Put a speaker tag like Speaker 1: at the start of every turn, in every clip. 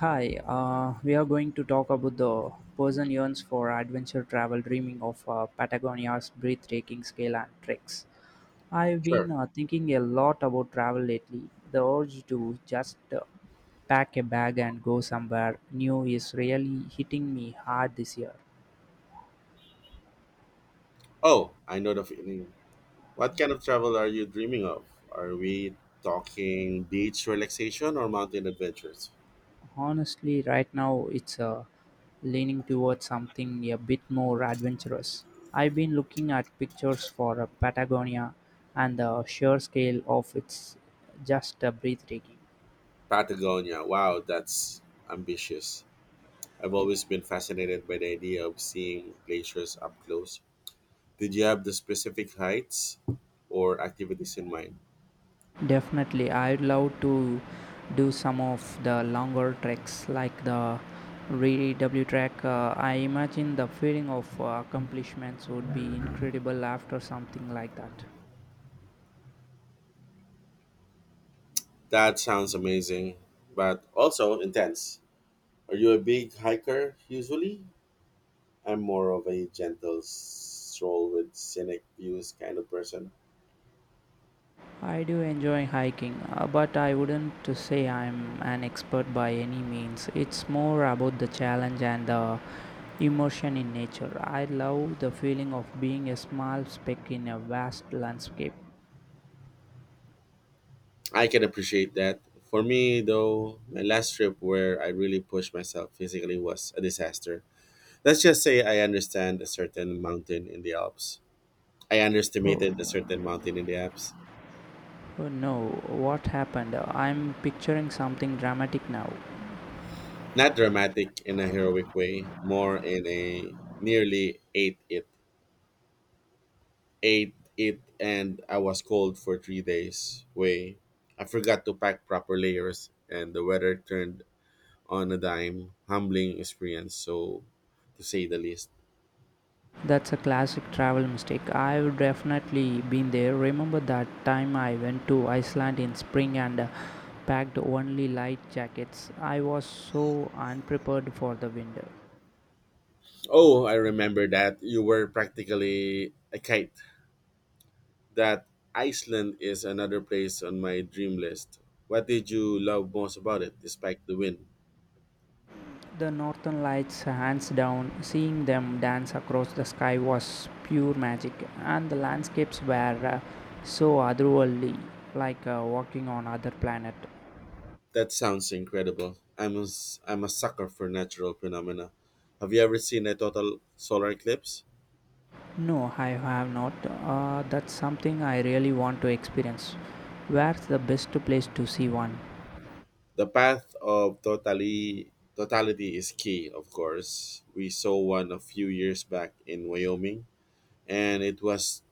Speaker 1: Hi, we are going to talk about the person yearns for adventure travel, dreaming of Patagonia's breathtaking scale and tricks. I've been
Speaker 2: Sure.
Speaker 1: thinking a lot about travel lately. The urge to just pack a bag and go somewhere new is really hitting me hard this year.
Speaker 2: Oh, I know the feeling. What kind of travel are you dreaming of? Are we talking beach relaxation or mountain adventures?
Speaker 1: Honestly, right now it's leaning towards something a bit more adventurous. I've been looking at pictures for Patagonia, and the sheer scale of it's just breathtaking.
Speaker 2: Patagonia. Wow, that's ambitious. I've always been fascinated by the idea of seeing glaciers up close. Did you have the specific heights or activities in mind?
Speaker 1: Definitely, I'd love to do some of the longer treks like the ReW trek. I imagine the feeling of accomplishments would be incredible after something like that.
Speaker 2: That sounds amazing, but also intense. Are you a big hiker usually? I'm more of a gentle stroll with scenic views kind of person.
Speaker 1: I do enjoy hiking, but I wouldn't to say I'm an expert by any means. It's more about the challenge and the immersion in nature. I love the feeling of being a small speck in a vast landscape.
Speaker 2: I can appreciate that. For me, though, my last trip where I really pushed myself physically was a disaster. Let's just say I understand a certain mountain in the Alps. I
Speaker 1: Oh,
Speaker 2: underestimated a certain mountain in the Alps.
Speaker 1: oh no, what happened? I'm picturing something dramatic now.
Speaker 2: Not dramatic in a heroic way, more in a nearly ate it. Ate it, and I was cold for 3 days way. I forgot to pack proper layers, and the weather turned on a dime. Humbling experience, so to say the least.
Speaker 1: That's a classic travel mistake. I've definitely been there. Remember that time I went to Iceland in spring and packed only light jackets? I was so unprepared for the winter.
Speaker 2: Oh, I remember that. You were practically a kite. That Iceland is another place on my dream list. What did you love most about it, despite the wind?
Speaker 1: The northern lights, hands down, seeing them dance across the sky was pure magic, and the landscapes were so otherworldly, like walking on other planet.
Speaker 2: That sounds incredible. I'm a sucker for natural phenomena. Have you ever seen a total solar eclipse?
Speaker 1: No, I have not. That's something I really want to experience. Where's the best place to see one?
Speaker 2: The path of totally totality is key, of course. We saw one a few years back in Wyoming, and it was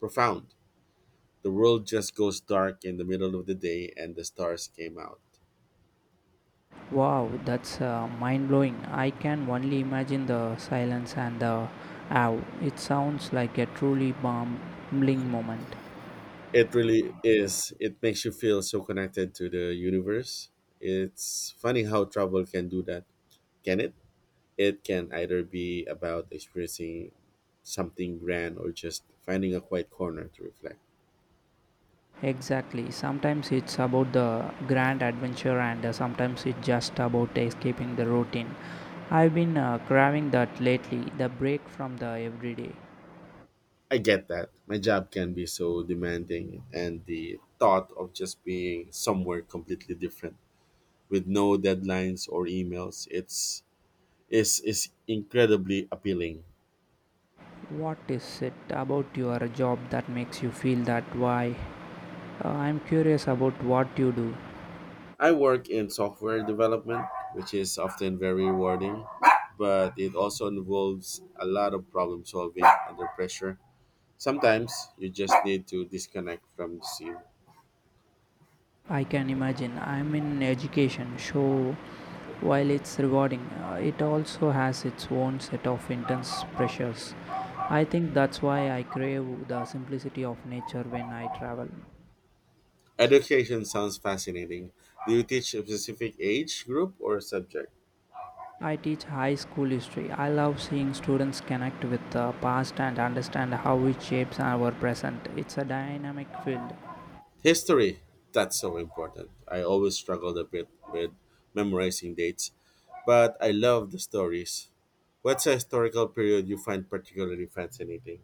Speaker 2: profound. The world just goes dark in the middle of the day and the stars came out.
Speaker 1: Wow, that's mind blowing. I can only imagine the silence and the awe. It sounds like a truly bumbling moment.
Speaker 2: It really is. It makes you feel so connected to the universe. It's funny how travel can do that, can it? It can either be about experiencing something grand or just finding a quiet corner to reflect.
Speaker 1: Exactly. Sometimes it's about the grand adventure, and sometimes it's just about escaping the routine. I've been craving that lately the break from the everyday.
Speaker 2: I get that. My job can be so demanding, and the thought of just being somewhere completely different with no deadlines or emails it's is incredibly appealing.
Speaker 1: What is it about your job that makes you feel that way? I'm curious about what you do.
Speaker 2: I work in software development, which is often very rewarding, but it also involves a lot of problem solving under pressure. Sometimes you just need to disconnect from the scene.
Speaker 1: I can imagine. I'm in education, so while it's rewarding, it also has its own set of intense pressures. I think that's why I crave the simplicity of nature when I travel.
Speaker 2: Education sounds fascinating. Do you teach a specific age group or subject?
Speaker 1: I teach high school history. I love seeing students connect with the past and understand how it shapes our present. It's a dynamic field.
Speaker 2: History, that's so important. I always struggled a bit with memorizing dates, but I love the stories. What's a historical period you find particularly fascinating?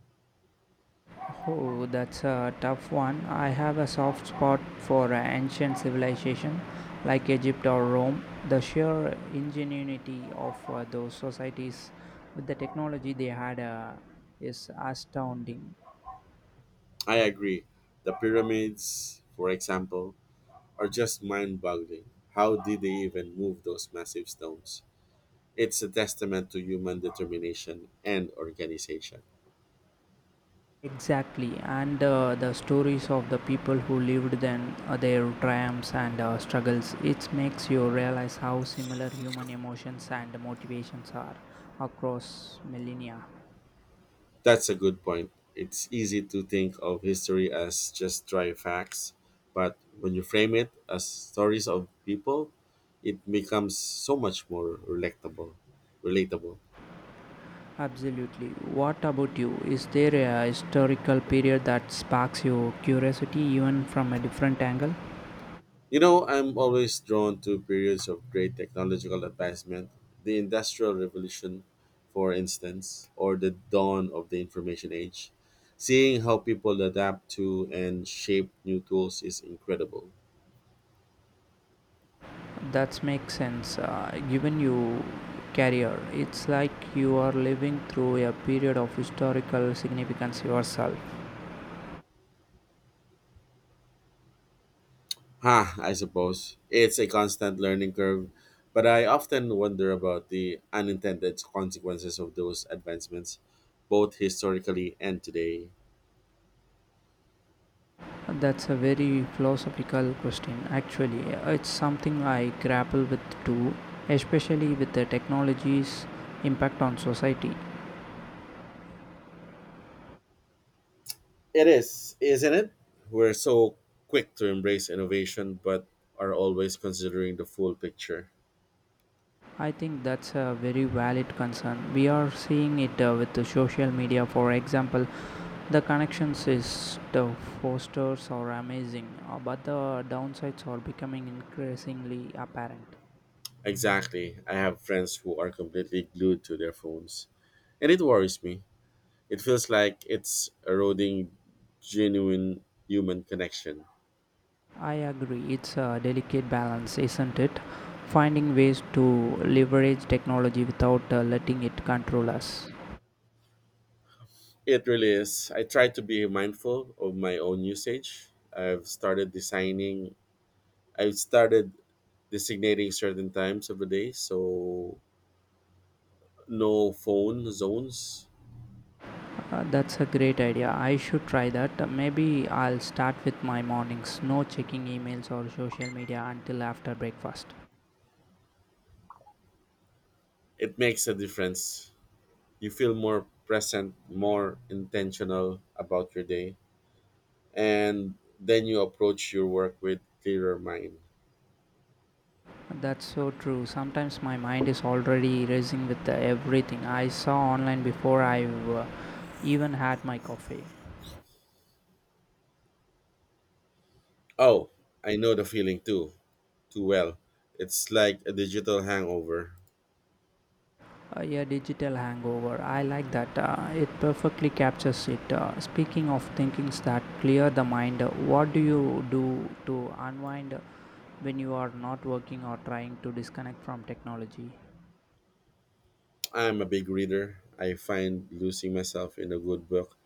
Speaker 1: Oh, that's a tough one. I have a soft spot for ancient civilization like Egypt or Rome. The sheer ingenuity of those societies with the technology they had is astounding.
Speaker 2: I agree. The pyramids, for example, are just mind boggling. How did they even move those massive stones? It's a testament to human determination and organization.
Speaker 1: Exactly, and the stories of the people who lived then, their triumphs and struggles, it makes you realize how similar human emotions and motivations are across millennia.
Speaker 2: That's a good point. It's easy to think of history as just dry facts, but when you frame it as stories of people, it becomes so much more relatable. Relatable.
Speaker 1: Absolutely. What about you? Is there a historical period that sparks your curiosity even from a different angle?
Speaker 2: You know, I'm always drawn to periods of great technological advancement, the Industrial Revolution, for instance, or the dawn of the information age. Seeing how people adapt to and shape new tools is incredible.
Speaker 1: That makes sense. Given your career, it's like you are living through a period of historical significance yourself.
Speaker 2: Ha, I suppose. It's a constant learning curve, but I often wonder about the unintended consequences of those advancements, both historically and today.
Speaker 1: That's a very philosophical question, actually. It's something I grapple with too, especially with the technology's impact on society.
Speaker 2: It is, isn't it? We're so quick to embrace innovation, but are always considering the full picture.
Speaker 1: I think that's a very valid concern. We are seeing it with the social media, for example. The connections is the fosters are amazing, but the downsides are becoming increasingly apparent.
Speaker 2: Exactly. I have friends who are completely glued to their phones, and it worries me. It feels like it's eroding genuine human connection.
Speaker 1: I agree, it's a delicate balance, isn't it? Finding ways to leverage technology without letting it control us.
Speaker 2: It really is. I try to be mindful of my own usage. I've started designing, I've started designating certain times of the day, so no phone zones.
Speaker 1: That's a great idea. I should try that. Maybe I'll start with my mornings, no checking emails or social media until after breakfast.
Speaker 2: It makes a difference. You feel more present, more intentional about your day, and then you approach your work with clearer mind.
Speaker 1: That's so true. Sometimes my mind is already racing with the everything I saw online before I've even had my coffee.
Speaker 2: Oh, I know the feeling too well. It's like a digital hangover.
Speaker 1: Yeah, digital hangover. I like that. It perfectly captures it. Speaking of thinkings that clear the mind, what do you do to unwind when you are not working or trying to disconnect from technology?
Speaker 2: I'm a big reader. I find losing myself in a good book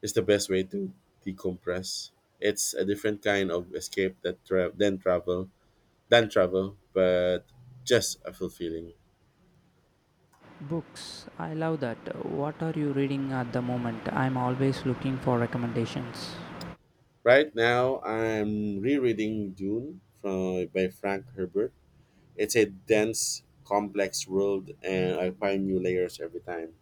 Speaker 2: is the best way to decompress. It's a different kind of escape that tra- than travel, but just a fulfilling.
Speaker 1: Books. I love that. What are you reading at the moment? I'm always looking for recommendations.
Speaker 2: Right now, I'm rereading Dune by Frank Herbert. It's a dense, complex world, and I find new layers every time.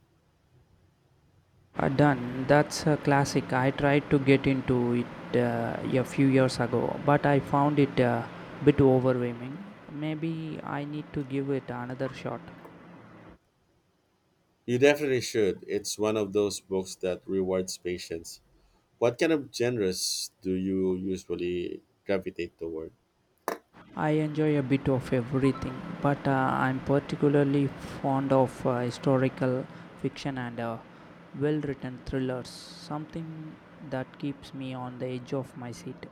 Speaker 1: Done. That's a classic. I tried to get into it a few years ago, but I found it a bit overwhelming. Maybe I need to give it another shot.
Speaker 2: You definitely should. It's one of those books that rewards patience. What kind of genres do you usually gravitate toward?
Speaker 1: I enjoy a bit of everything, but I'm particularly fond of historical fiction and well written thrillers, something that keeps me on the edge of my seat.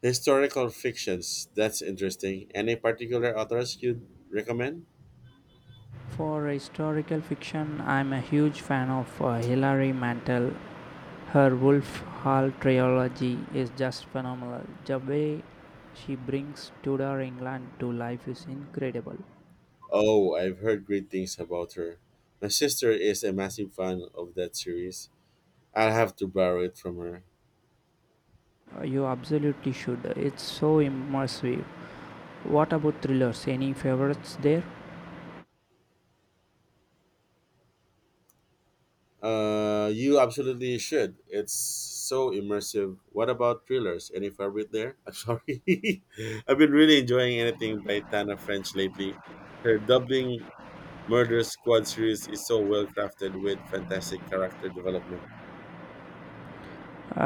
Speaker 2: Historical fictions, that's interesting. Any particular authors you'd recommend?
Speaker 1: For historical fiction, I'm a huge fan of Hilary Mantel. Her Wolf Hall trilogy is just phenomenal. The way she brings Tudor England to life is incredible.
Speaker 2: Oh, I've heard great things about her. My sister is a massive fan of that series. I'll have to borrow it from her.
Speaker 1: You absolutely should. It's so immersive. What about thrillers? Any favorites there?
Speaker 2: You absolutely should. It's so immersive. What about thrillers? Any favorite there? I'm sorry. I've been really enjoying anything by Tana French lately. Her Dublin Murder Squad series is so well crafted with fantastic character development.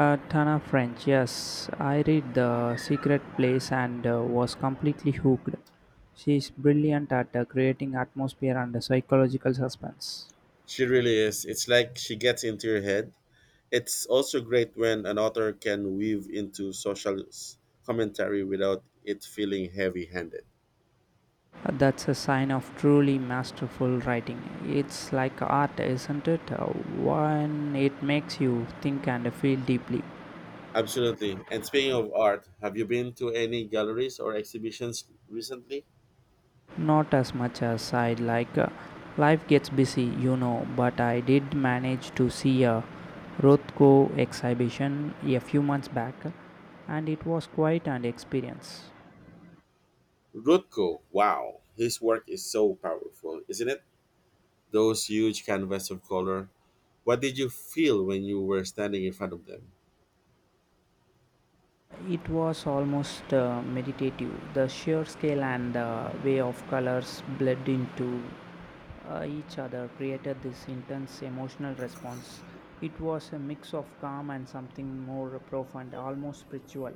Speaker 1: Tana French, yes. I read The Secret Place and was completely hooked. She is brilliant at creating atmosphere and psychological suspense.
Speaker 2: She really is. It's like she gets into your head. It's also great when an author can weave into commentary without it feeling heavy handed.
Speaker 1: That's a sign of truly masterful writing. It's like art, isn't it? One, it makes you think and feel deeply.
Speaker 2: Absolutely. And speaking of art, have you been to any galleries or exhibitions recently?
Speaker 1: Not as much as I'd like. Life gets busy, you know, but I did manage to see a Rothko exhibition a few months back, and it was quite an experience.
Speaker 2: Rothko, wow, his work is so powerful, isn't it? Those huge canvas of color. What did you feel when you were standing in front of them?
Speaker 1: It was almost meditative. The sheer scale and the way of colors bled into each other created this intense emotional response. It was a mix of calm and something more profound, almost spiritual.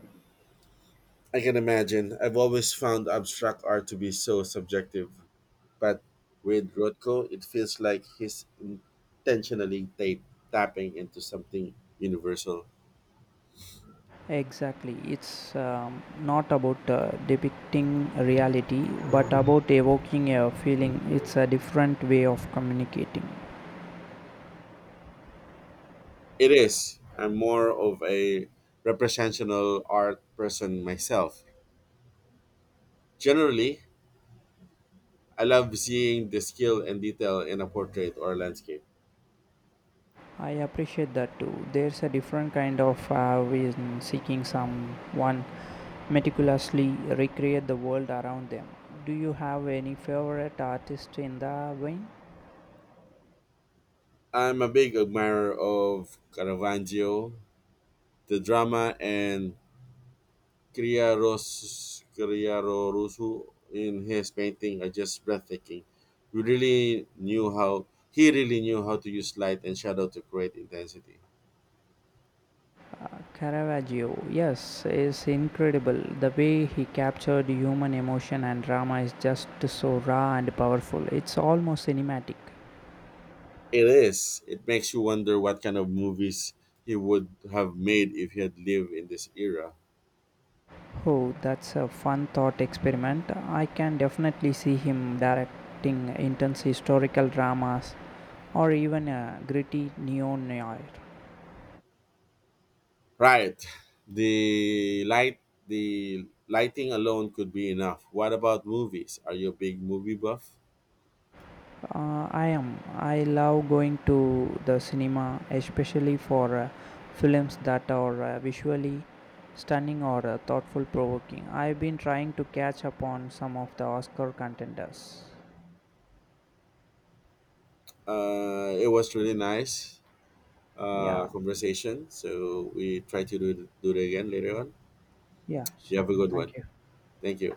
Speaker 2: I can imagine. I've always found abstract art to be so subjective, but with Rothko, it feels like tapping into something universal.
Speaker 1: Exactly. It's not about depicting reality, but about evoking a feeling. It's a different way of communicating.
Speaker 2: It is. I'm more of a representational art person myself. Generally, I love seeing the skill and detail in a portrait or landscape.
Speaker 1: I appreciate that too. There's a different kind of way in seeking someone meticulously recreate the world around them. Do you have any favorite artist in the vein?
Speaker 2: I'm a big admirer of Caravaggio, the drama, and Criarorusu in his painting are just breathtaking. We really knew how he really knew how to use light and shadow to create intensity.
Speaker 1: Caravaggio, yes, is incredible. The way he captured human emotion and drama is just so raw and powerful. It's almost cinematic.
Speaker 2: It is. It makes you wonder what kind of movies he would have made if he had lived in this era.
Speaker 1: Oh, that's a fun thought experiment. I can definitely see him directing intense historical dramas or even a gritty neo noir.
Speaker 2: Right. The light the lighting alone could be enough. What about movies? Are you a big movie buff?
Speaker 1: I am. I love going to the cinema, especially for films that are visually stunning or thoughtful provoking. I've been trying to catch up on some of the Oscar contenders.
Speaker 2: It was really nice
Speaker 1: Yeah,
Speaker 2: conversation. So we try to do it again later on.
Speaker 1: yeah,
Speaker 2: You have a
Speaker 1: sure.
Speaker 2: good one.
Speaker 1: Thank you.
Speaker 2: Thank you.